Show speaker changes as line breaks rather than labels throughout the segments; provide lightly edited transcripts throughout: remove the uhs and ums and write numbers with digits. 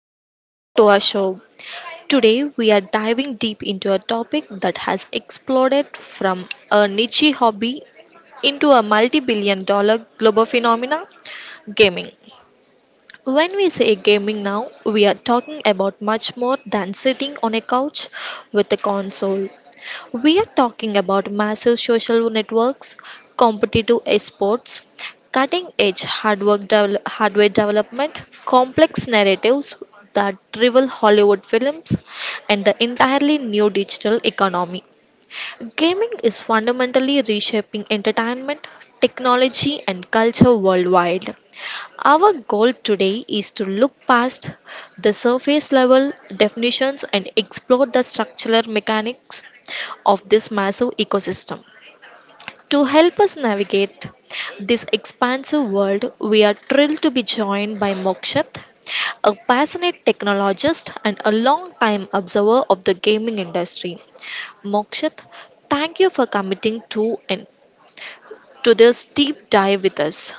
and welcome back to our show. Today we are diving deep into a topic that has exploded from a niche hobby into a multi billion-dollar global phenomena gaming. When we say gaming now, we are talking about much more than sitting on a couch with a console. We are talking about massive social networks, competitive esports, cutting edge hardware, hardware development, complex narratives that rival Hollywood films, and the entirely new digital economy. Gaming is fundamentally reshaping entertainment, technology, and culture worldwide. Our goal today is to look past the surface level definitions and explore the structural mechanics of this massive ecosystem. To help us navigate this expansive world, we are thrilled to be joined by Mokshat, a passionate technologist and a long time observer of the gaming industry. Mokshit, thank you for committing to this deep dive with us.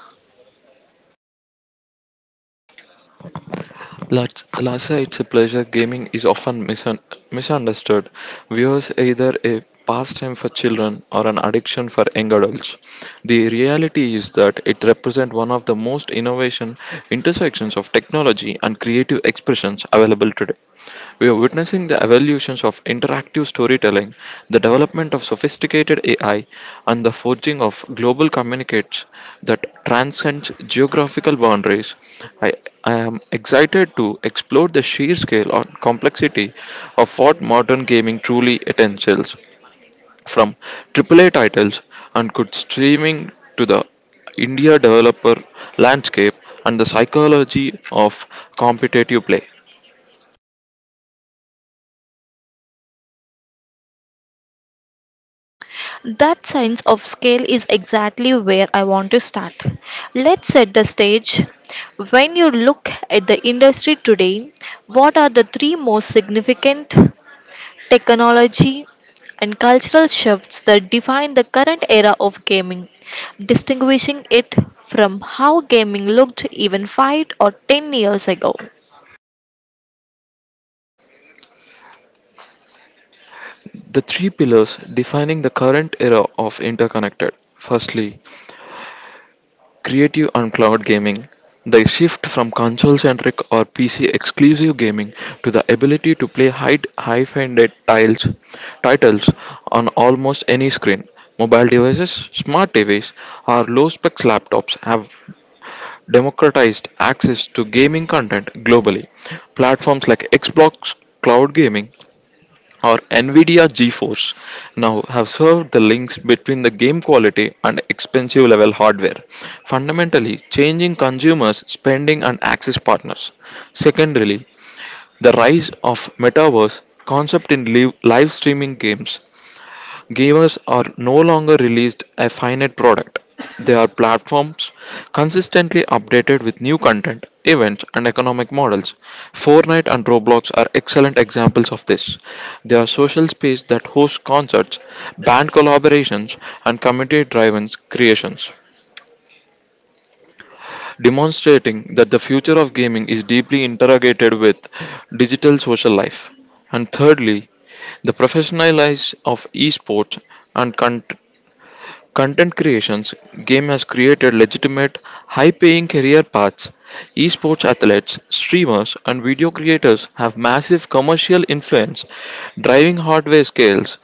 Let's, it's a pleasure. Gaming is often misunderstood. Viewers either a pastime for children or an addiction for young adults. The reality is that it represents one of the most innovation intersections of technology and creative expressions available today. We are witnessing reflecting the evolutions of interactive storytelling, the development of sophisticated AI, and the forging of global communicates that transcends geographical boundaries. I, I am excited to explore the sheer scale and complexity of what modern gaming truly entails, from AAA titles and good streaming to the India developer landscape and the psychology of competitive play.
That sense of scale is exactly where I want to start. Let's set the stage. When you look at the industry today, what are the three most significant technology and cultural shifts that define the current era of gaming, distinguishing it from how gaming looked even 5 or 10 years ago?
The three pillars defining the current era of interconnected. Firstly, creative and cloud gaming. The shift from console centric or PC exclusive gaming to the ability to play high funded tiles titles on almost any screen. Mobile devices, smart TVs, or low specs laptops have democratized access to gaming content globally. Platforms like Xbox Cloud Gaming or NVIDIA GeForce now have served the links between the game quality and expensive level hardware, fundamentally changing consumers' spending and access partners. Secondarily, the rise of metaverse concept in live streaming games. Givers are no longer released a finite product. They are platforms consistently updated with new content, events, and economic models. Fortnite and Roblox are excellent examples of this. They are social space that hosts concerts, band collaborations, and community-driven creations, demonstrating that the future of gaming is deeply interrogated with digital social life. And thirdly, the professionalization of esports and content creations game has created legitimate high-paying career paths, esports athletes, streamers, and video creators have massive commercial influence driving hardware scales,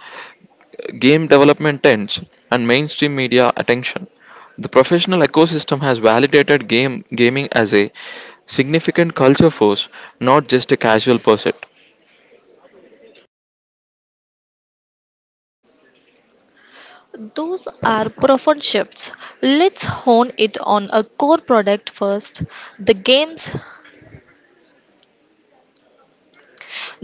game development trends, and mainstream media attention. The professional ecosystem has validated game gaming as a significant culture force, not just a casual pursuit.
Those are profound shifts. Let's hone it on a core product first. The games,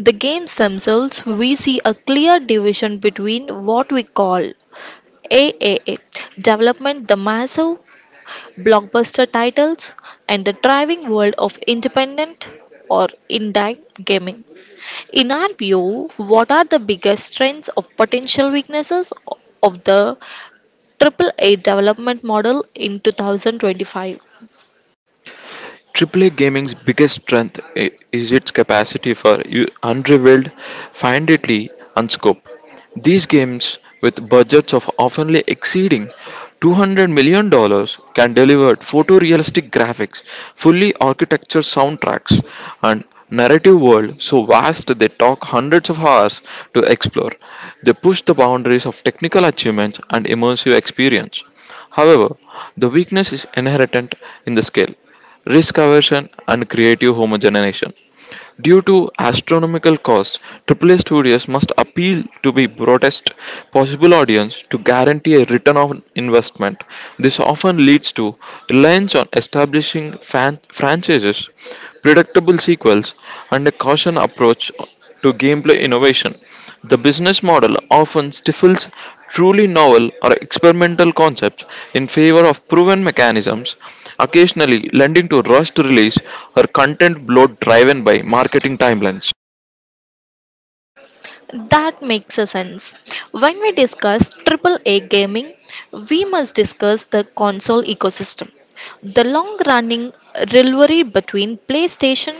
the games themselves, we see a clear division between what we call AAA development, the massive blockbuster titles, and the thriving world of independent or indie gaming. In our view, what are the biggest strengths of potential weaknesses of the AAA development model in 2025?
Triple A gaming's biggest strength i- is its capacity for u- unrivaled finality and scope. These games, with budgets of often exceeding $200 million, dollars, can deliver photorealistic graphics, fully architectured soundtracks, and narrative world so vast they talk hundreds of hours to explore. They push the boundaries of technical achievements and immersive experience. However, the weakness is inherent in the scale risk aversion, and creative homogenization. Due to astronomical costs, AAA studios must appeal to the broadest possible audience to guarantee a return on investment. This often leads to reliance on establishing franchises, predictable sequels, and a caution approach to gameplay innovation. The business model often stifles truly novel or experimental concepts in favor of proven mechanisms, occasionally lending to rushed release or content bloat driven by marketing timelines.
That makes a sense. When we discuss AAA gaming, we must discuss the console ecosystem. The long running rivalry between PlayStation,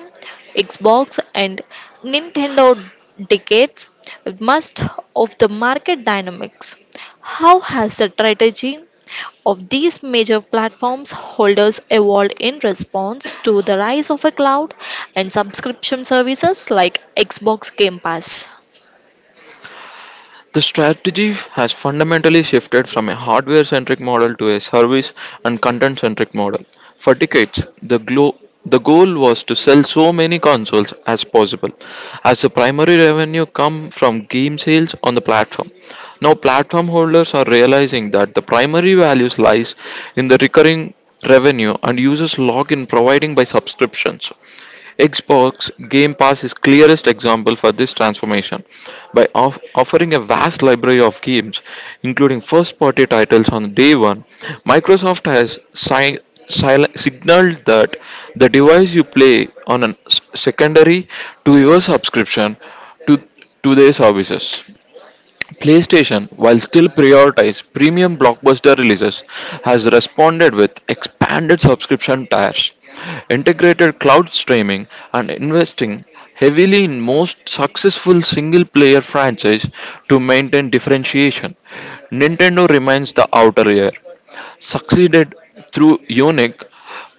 Xbox, and Nintendo dictates most of the market dynamics. How has the strategy of these major platforms holders evolved in response to the rise of a cloud and subscription services like Xbox Game Pass?
The strategy has fundamentally shifted from a hardware centric model to a service and content centric model. For decades, the goal was to sell so many consoles as possible, as the primary revenue come from game sales on the platform. Now, platform holders are realizing that the primary values lies in the recurring revenue and users log in providing by subscriptions. Xbox Game Pass is clearest example for this transformation. By offering a vast library of games, including first-party titles on day one, Microsoft has signaled that the device you play on a secondary to your subscription to to their services. PlayStation, while still prioritized premium blockbuster releases, has responded with expanded subscription tiers, integrated cloud streaming, and investing heavily in most successful single-player franchise to maintain differentiation. Nintendo remains the outer layer, succeeded through unique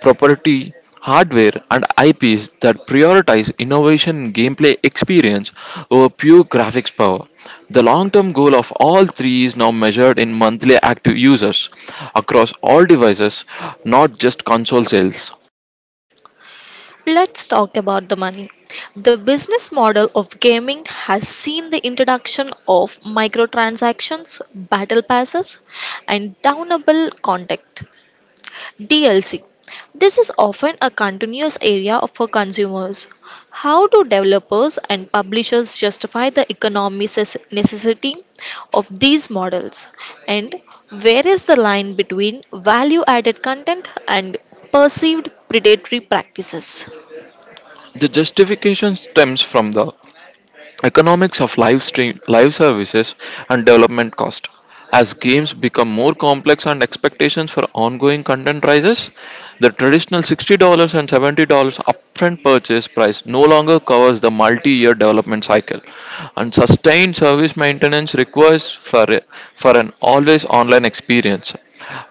property hardware and IPs that prioritize innovation and gameplay experience over pure graphics power. The long-term goal of all three is now measured in monthly active users across all devices, not just console sales.
Let's talk about the money. The business model of gaming has seen the introduction of microtransactions, battle passes, and downable content DLC. This is often a continuous area for consumers. How do developers and publishers justify the economic necessity of these models? And where is the line between value added content and perceived predatory practices?
The justification stems from the economics of live services and development cost as games become more complex and expectations for ongoing content rises, the traditional $60 and $70 upfront purchase price no longer covers the multi-year development cycle and sustained service maintenance requires for an always online experience.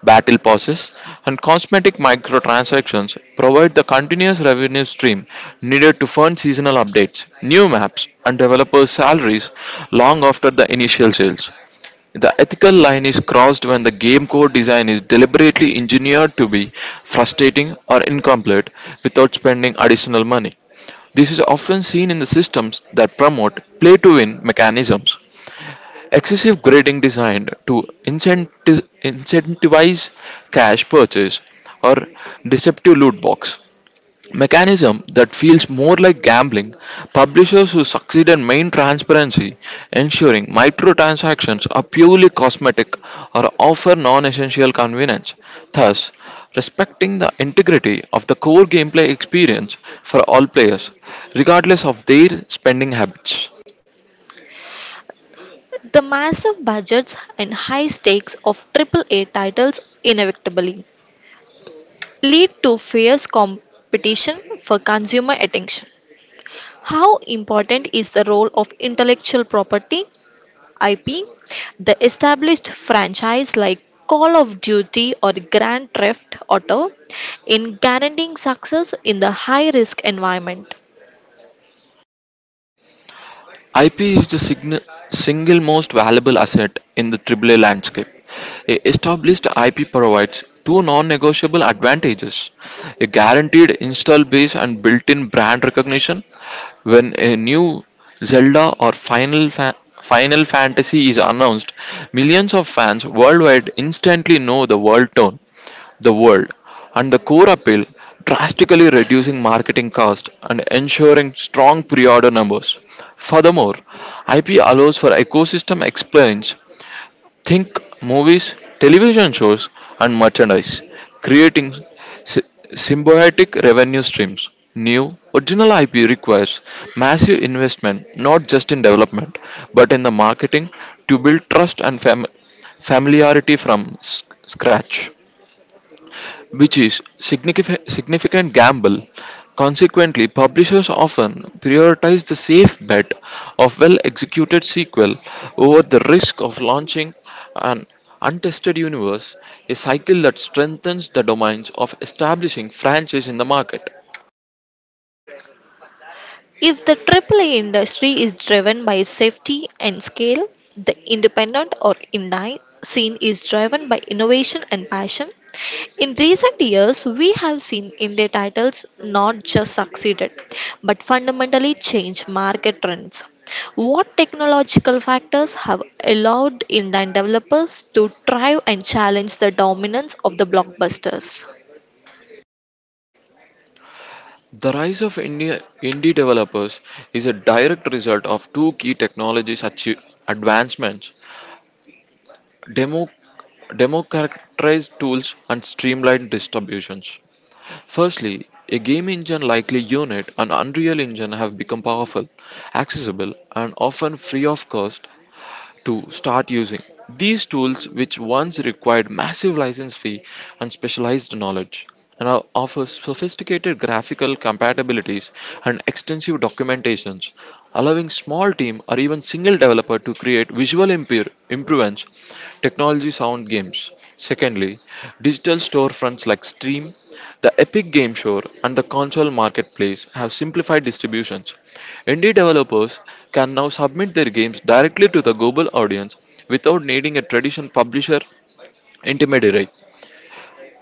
Battle passes and cosmetic microtransactions provide the continuous revenue stream needed to fund seasonal updates, new maps, and developers' salaries long after the initial sales. The ethical line is crossed when the game core design is deliberately engineered to be frustrating or incomplete without spending additional money. This is often seen in the systems that promote play to win mechanisms. Excessive grading designed to incentivize cash purchase or deceptive loot box mechanism that feels more like gambling. Publishers who succeed in main transparency, ensuring microtransactions are purely cosmetic or offer non-essential convenience, thus respecting the integrity of the core gameplay experience for all players, regardless of their spending habits.
The massive budgets and high stakes of AAA titles inevitably lead to fierce competition for consumer attention. How important is the role of intellectual property (IP)? The established franchise like Call of Duty or Grand Theft Auto in guaranteeing success in the high risk environment.
IP is the single most valuable asset in the AAA landscape. A established IP provides two non negotiable advantages, a guaranteed install base and built in brand recognition. When a new Zelda or Final Fantasy is announced, millions of fans worldwide instantly know the world tone, the world, and the core appeal, drastically reducing marketing cost and ensuring strong pre-order numbers. Furthermore, IP allows for ecosystem explains, think movies, television shows, and merchandise, creating sy- symbiotic revenue streams. New original IP requires massive investment not just in development but in the marketing to build trust and familiarity from s- scratch, which is significant gamble. Consequently, publishers often prioritize the safe bet of well-executed sequel over the risk of launching an untested universe, a cycle that strengthens the domains of establishing franchise in the market.
If the AAA industry is driven by safety and scale, the independent or indie scene is driven by innovation and passion. In recent years, we have seen indie titles not just succeeded, but fundamentally change market trends. What technological factors have allowed indie developers to thrive and challenge the dominance of the blockbusters?
The rise of indie developers is a direct result of two key technologies advancements, demo, democratized tools and streamlined distributions. Firstly, a game engine like Unity and Unreal Engine have become powerful, accessible, and often free of cost to start using these tools which once required massive license fee and specialized knowledge and now offer sophisticated graphical compatibilities and extensive documentations, allowing small team or even single developer to create visual improvements technology sound games. Secondly, digital storefronts like Steam, the epic game store and the console marketplace have simplified distributions. Indie developers can now submit their games directly to the global audience without needing a traditional publisher intermediary,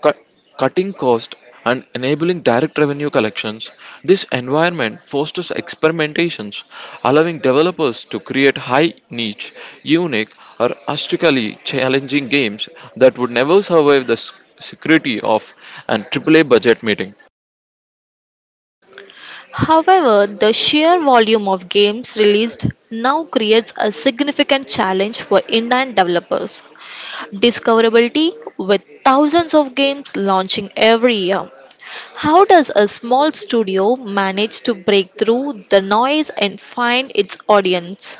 cut, cutting cost and enabling direct revenue collections. This environment fosters experimentations, allowing developers to create high niche, unique, or aesthetically challenging games that would never survive the security of an AAA budget meeting.
However, the sheer volume of games released now creates a significant challenge for Indian developers. Discoverability with thousands of games launching every year. How does a small studio manage to break through the noise and find its audience?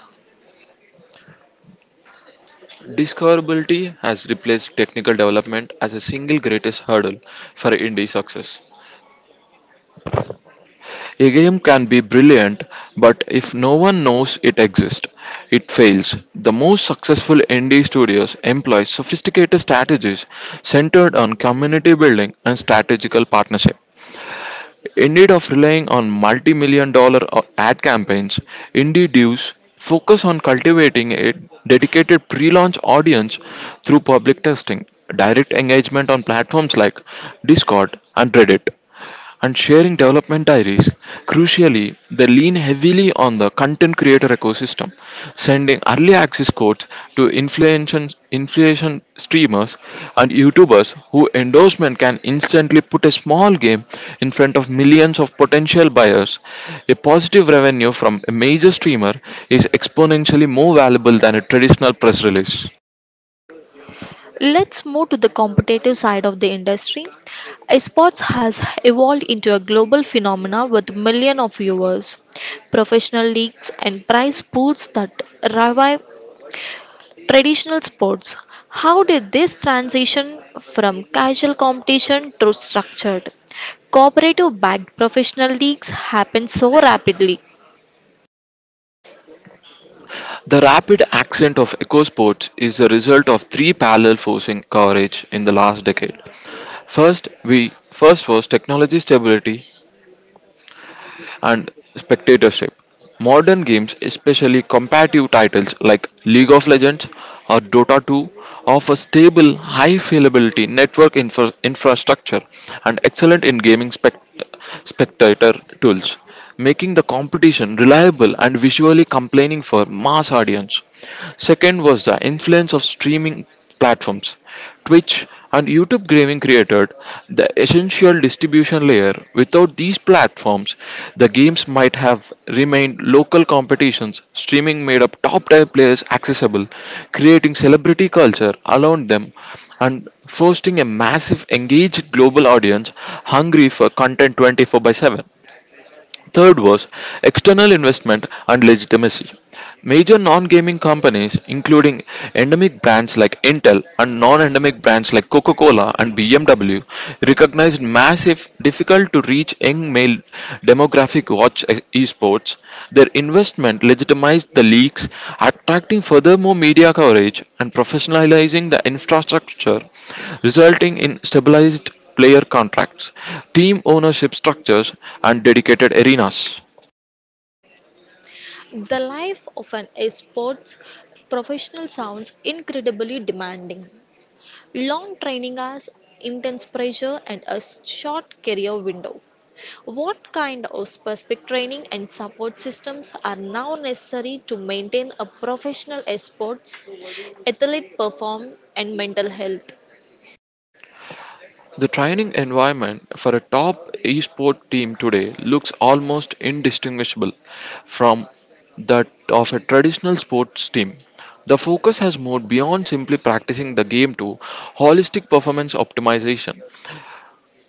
Discoverability has replaced technical development as a single greatest hurdle for indie success. A game can be brilliant, but if no one knows it exists, it fails. The most successful indie studios employ sophisticated strategies centered on community building and strategical partnership. Instead of relying on multi million dollar ad campaigns, indie devs focus on cultivating a dedicated pre launch audience through public testing, direct engagement on platforms like Discord and Reddit, and sharing development diaries. Crucially, they lean heavily on the LinkedIn creator ecosystem, sending early access codes to influential streamers and YouTubers who endorsement can instantly put a small game in front of millions of potential buyers. A positive revenue from a major streamer is exponentially more valuable than a traditional press release.
Let's move to the competitive side of the industry. Esports has evolved into a global phenomena with millions of viewers, professional leagues, and prize pools that revive traditional sports. How did this transition from casual competition to structured, cooperative backed professional leagues happen so rapidly?
The rapid ascent of EcoSports is the result of three parallel forcing coverage in the last decade. First, we First was technology stability and spectatorship. Modern games, especially competitive titles like League of Legends or Dota 2, offer stable, high availability network infrastructure and excellent in gaming spectator tools, making the competition reliable and visually compelling for mass audience. Second was the influence of streaming platforms. Twitch and YouTube gaming created the essential distribution layer. Without these platforms, the games might have remained local competitions. Streaming made up top tier players accessible, creating celebrity culture around them and fostering a massive engaged global audience hungry for content 24 by 7. Third was external investment and legitimacy. Major non gaming companies, including endemic brands like Intel and non endemic brands like Coca Cola and BMW, recognized massive, difficult to reach young male demographic watch esports. Their investment legitimized the leagues, attracting furthermore media coverage and professionalizing the infrastructure, resulting in stabilized player contracts, team ownership structures, and dedicated arenas.
The life of an esports professional sounds incredibly demanding. Long training hours, intense pressure, and a short career window. What kind of specific training and support systems are now necessary to maintain a professional sports athlete perform and mental health?
The training environment for a top esport team today looks almost indistinguishable from that of a traditional sports team. The focus has moved beyond simply practicing the game to holistic performance optimization.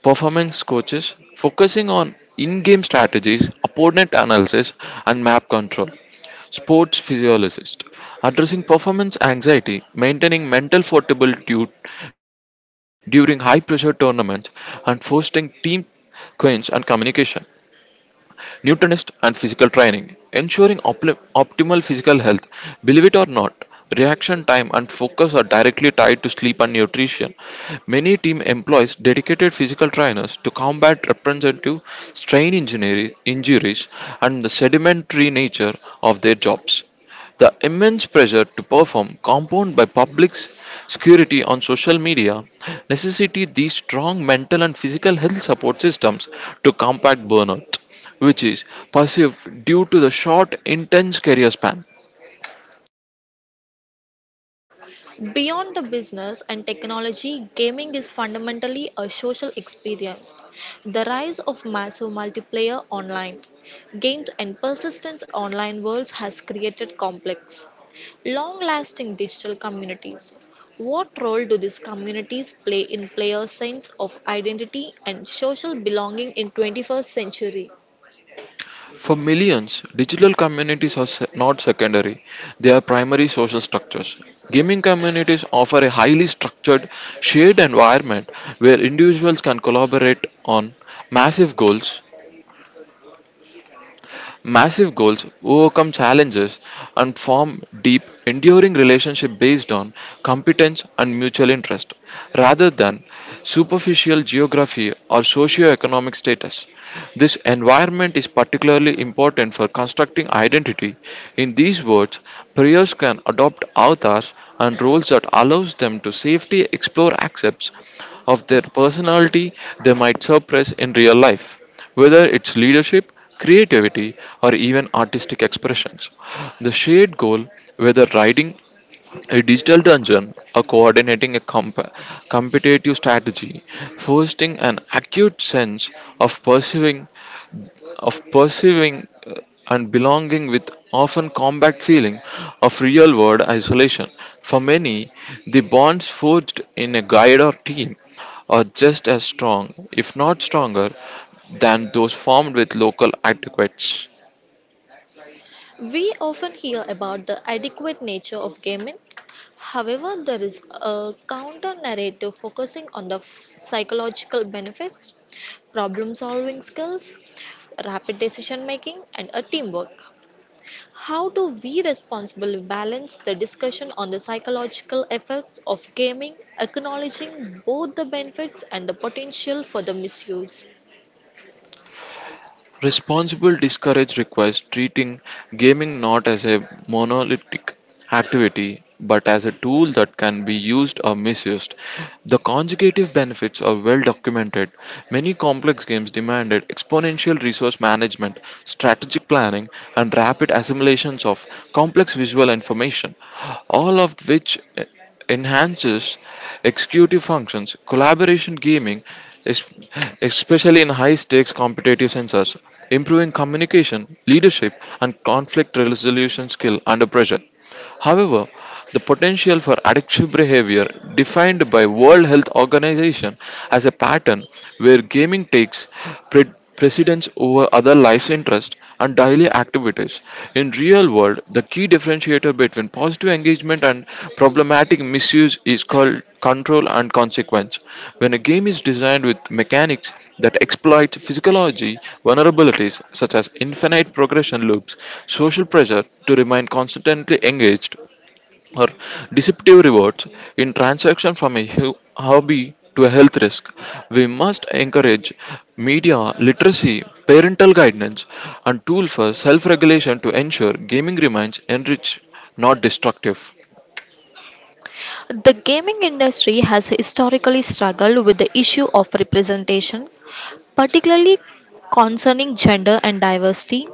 Performance coaches focusing on in game strategies, opponent analysis, and map control. Sports physiologists addressing performance anxiety, maintaining mental fortitude during high pressure tournaments, and fostering team cohesion and communication, nutritionist, and physical training, ensuring optimal physical health. Believe it or not, reaction time and focus are directly tied to sleep and nutrition. Many team employs dedicated physical trainers to combat representative strain injuries and the sedimentary nature of their jobs. The immense pressure to perform, compounded by public security on social media, necessitate these strong mental and physical health support systems to combat burnout, which is perceived due to the short, intense career span.
Beyond the business and technology, gaming is fundamentally a social experience. The rise of massive multiplayer online games and persistence online worlds has created complex, long-lasting digital communities. What role do these communities play in players' sense of identity and social belonging in 21st century?
For millions, digital communities are not secondary, they are primary social structures. Gaming communities offer a highly structured, shared environment where individuals can collaborate on massive goals massive goals, overcome challenges, and form deep, enduring relationships based on competence and mutual interest, rather than superficial geography or socio-economic status. This environment is particularly important for constructing identity. In these words, players can adopt avatars and roles that allows them to safely explore aspects of their personality they might suppress in real life. Whether it's leadership, creativity, or even artistic expressions, the shared goal, whether writing a digital dungeon or coordinating a competitive strategy, fostering an acute sense of pursuing of pursuing uh, and belonging with often combat feeling of real world isolation. For many, the bonds forged in a guide or team are just as strong, if not stronger, than those formed with local adequates.
We often hear about the adequate nature of gaming. However, there is a counter narrative focusing on the psychological benefits, problem solving skills, rapid decision making, and a teamwork. How do we responsibly balance the discussion on the psychological effects of gaming, acknowledging both the benefits and the potential for the misuse?
Responsible discourage requires treating gaming not as a monolithic activity but as a tool that can be used or misused. The conjugative benefits are well documented. Many complex games demanded exponential resource management, strategic planning, and rapid assimilations of complex visual information, all of which enhances executive functions. Collaboration gaming, es- especially in high stakes competitive sensors, improving communication, leadership, and conflict resolution skill under pressure. However, the potential for addictive behavior defined by World Health Organization as a pattern where gaming takes pre- precedence over other life's interests and daily activities. In real world, the key differentiator between and positive engagement and problematic misuse is called control and consequence. When a game is designed with mechanics that exploit physiology vulnerabilities such as infinite progression loops, social pressure to remain constantly engaged, or deceptive rewards in transaction from a hobby to a health risk. We must encourage media literacy, parental guidance, and tool for self-regulation to ensure gaming remains enriched, not destructive.
The gaming industry has historically struggled with the issue of representation, particularly concerning gender and diversity,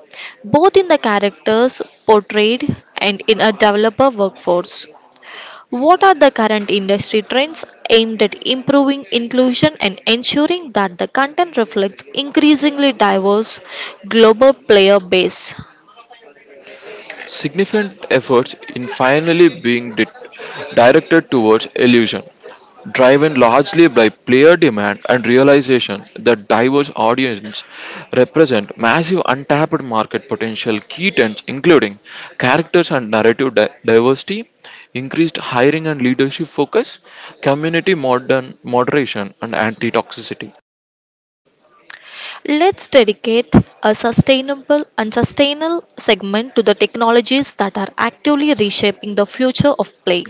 both in the characters portrayed and in a developer workforce. What are the current industry trends aimed at improving inclusion and ensuring that the content reflects increasingly diverse global player base?
Significant efforts in finally being directed towards illusion, driven largely by player demand and realization that diverse audiences represent massive untapped market potential key trends including characters and narrative diversity, increased hiring and leadership focus, community modern moderation and anti-toxicity.
Let's dedicate a sustainable segment to the technologies that are actively reshaping the future of play.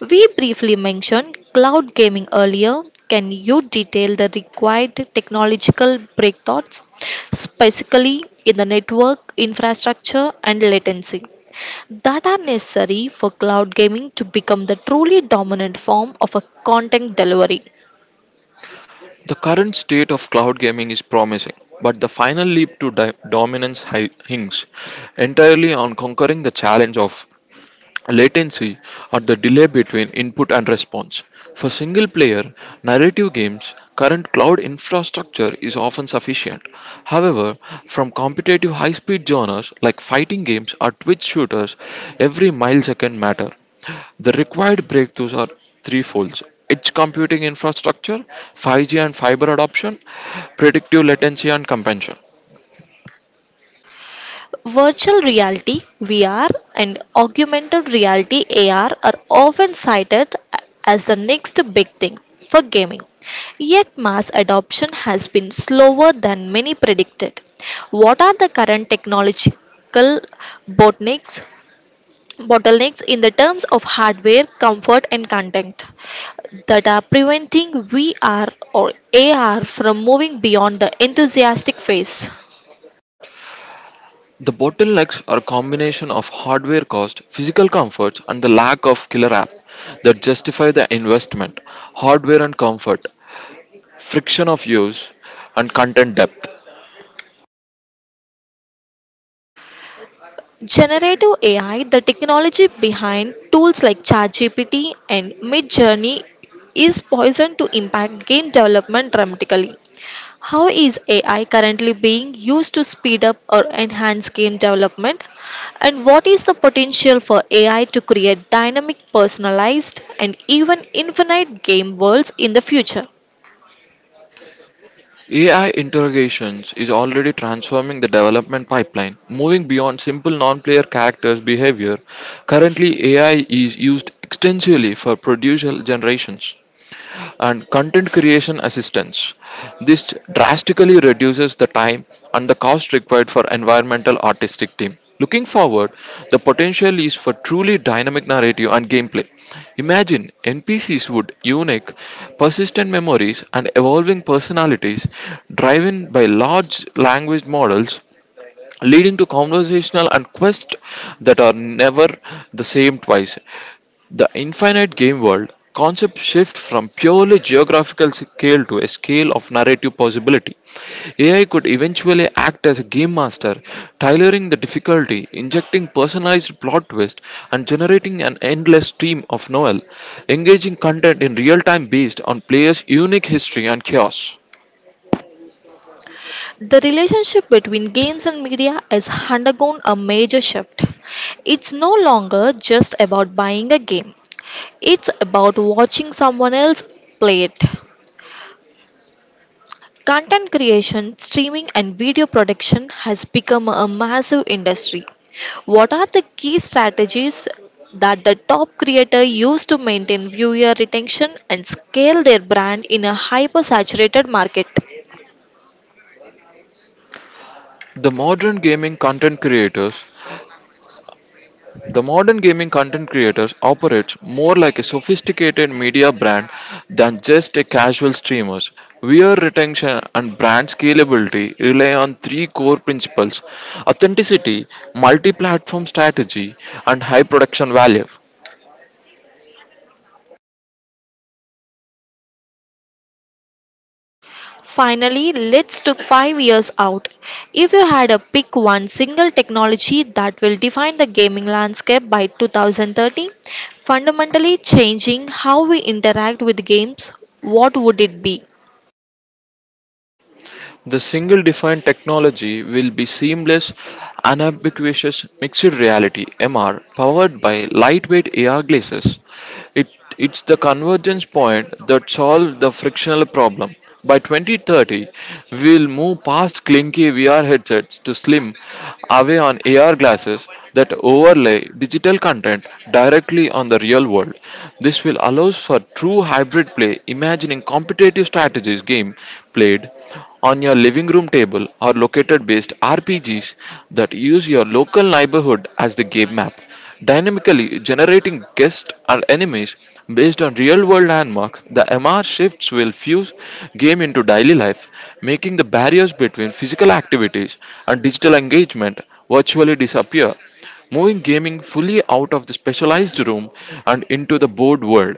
We briefly mentioned cloud gaming earlier. Can you detail the required technological breakthroughs, specifically in the network infrastructure and latency, that are necessary for cloud gaming to become the truly dominant form of a content delivery?
The current state of cloud gaming is promising, but the final leap to dominance hinges entirely on conquering the challenge of latency or the delay between input and response. For single player narrative games, current cloud infrastructure is often sufficient. However, from competitive high speed genres like fighting games or twitch shooters, every millisecond matter. The required breakthroughs are threefold edge computing infrastructure, 5G and fiber adoption, predictive latency and compensation.
Virtual reality (VR) and augmented reality (AR) are often cited as the next big thing for gaming. Yet mass adoption has been slower than many predicted. What are the current technological bottlenecks bottlenecks in the terms of hardware, comfort and content that are preventing VR or AR from moving beyond the enthusiastic phase?
The bottlenecks are a combination of hardware cost, physical comforts, and the lack of killer app that justify the investment. Hardware and comfort, friction of use, and content depth.
Generative AI, the technology behind tools like ChatGPT and MidJourney, is poised to impact game development dramatically. How is AI currently being used to speed up or enhance game development? And what is the potential for AI to create dynamic, personalized, and even infinite game worlds in the future?
AI interrogations is already transforming the development pipeline, moving beyond simple non-player characters' behavior. Currently, AI is used extensively for producer generations and content creation assistance. This drastically reduces the time and the cost required for environmental artistic team. Looking forward, the potential is for truly dynamic narrative and gameplay. Imagine NPCs would unique, persistent memories and evolving personalities driven by large language models leading to conversational and quests that are never the same twice. The infinite game world concept shift from purely geographical scale to a scale of narrative possibility. AI could eventually act as a game master, tailoring the difficulty, injecting personalized plot twists, and generating an endless stream of novel, engaging content in real time based on players' unique history and chaos.
The relationship between games and media has undergone a major shift. It's no longer just about buying a game, it's about watching someone else play it. Content creation, streaming, and video production has become a massive industry. What are the key strategies that the top creator use to maintain viewer retention and scale their brand in a hyper saturated market?
The modern gaming content creators The modern gaming content creators operates more like a sophisticated media brand than just a casual streamers. Viewer retention and brand scalability rely on three core principles: authenticity, multi-platform strategy, and high production value.
Finally, let's took 5 years out. If you had to pick one single technology that will define the gaming landscape by 2030, fundamentally changing how we interact with games, what would it be?
The single defined technology will be seamless, unambiguous mixed reality (MR) powered by lightweight AR glasses. It, it's the convergence point that solves the frictional problem. By 2030, we'll move past clinky VR headsets to slim, away on AR glasses that overlay digital content directly on the real world. This will allow for true hybrid play, imagining competitive strategies game played on your living room table are located based RPGs that use your local neighborhood as the game map, dynamically generating guests and enemies based on real world landmarks. The MR shifts will fuse game into daily life, making the barriers between physical activities and digital engagement virtually disappear moving gaming fully out of the specialized room and into the board world.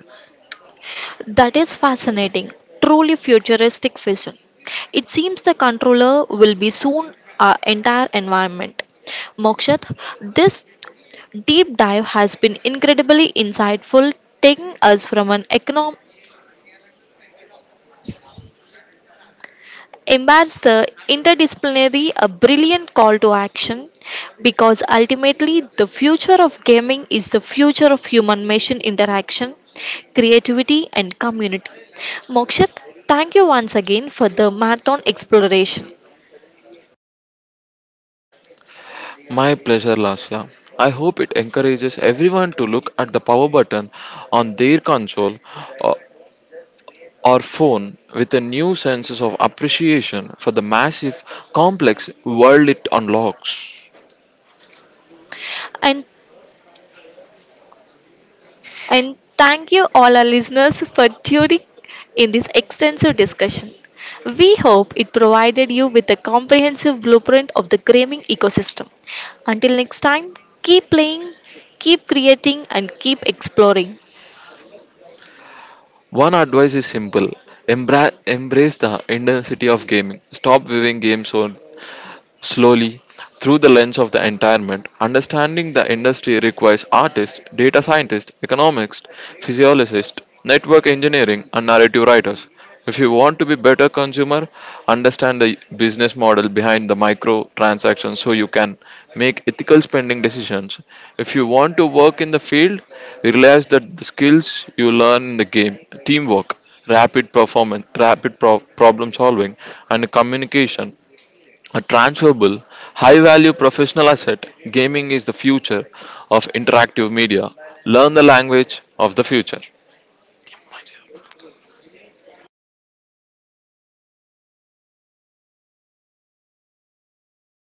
That is fascinating, truly futuristic vision. It seems the controller will be soon our entire environment. Mokshat, this deep dive has been incredibly insightful, taking us from an economic embrace the interdisciplinary a brilliant call to action because ultimately the future of gaming is the future of human machine interaction, creativity, and community. Mokshit, thank you once again for the marathon exploration
My pleasure, Lasya. I hope it encourages everyone to look at the power button on their console or, or phone with a new sense of appreciation for the massive, complex world it unlocks.
and And thank you, all our listeners, for tuning in this extensive discussion. We hope it provided you with a comprehensive blueprint of the gaming ecosystem. Until next time, keep playing, keep creating, and keep exploring.
One advice is simple. Embrace the intensity of gaming. Stop viewing games or slowly, through the lens of the environment, understanding the industry requires artists, data scientists, economists, physiologists, network engineering, and narrative writers. If you want to be better consumer, understand the business model behind the micro transactions so you can make ethical spending decisions. If you want to work in the field, realize that the skills you learn in the game, teamwork, rapid performance, problem solving, and communication a transferable, high value professional asset, gaming is the future of interactive media. Learn the language of the future.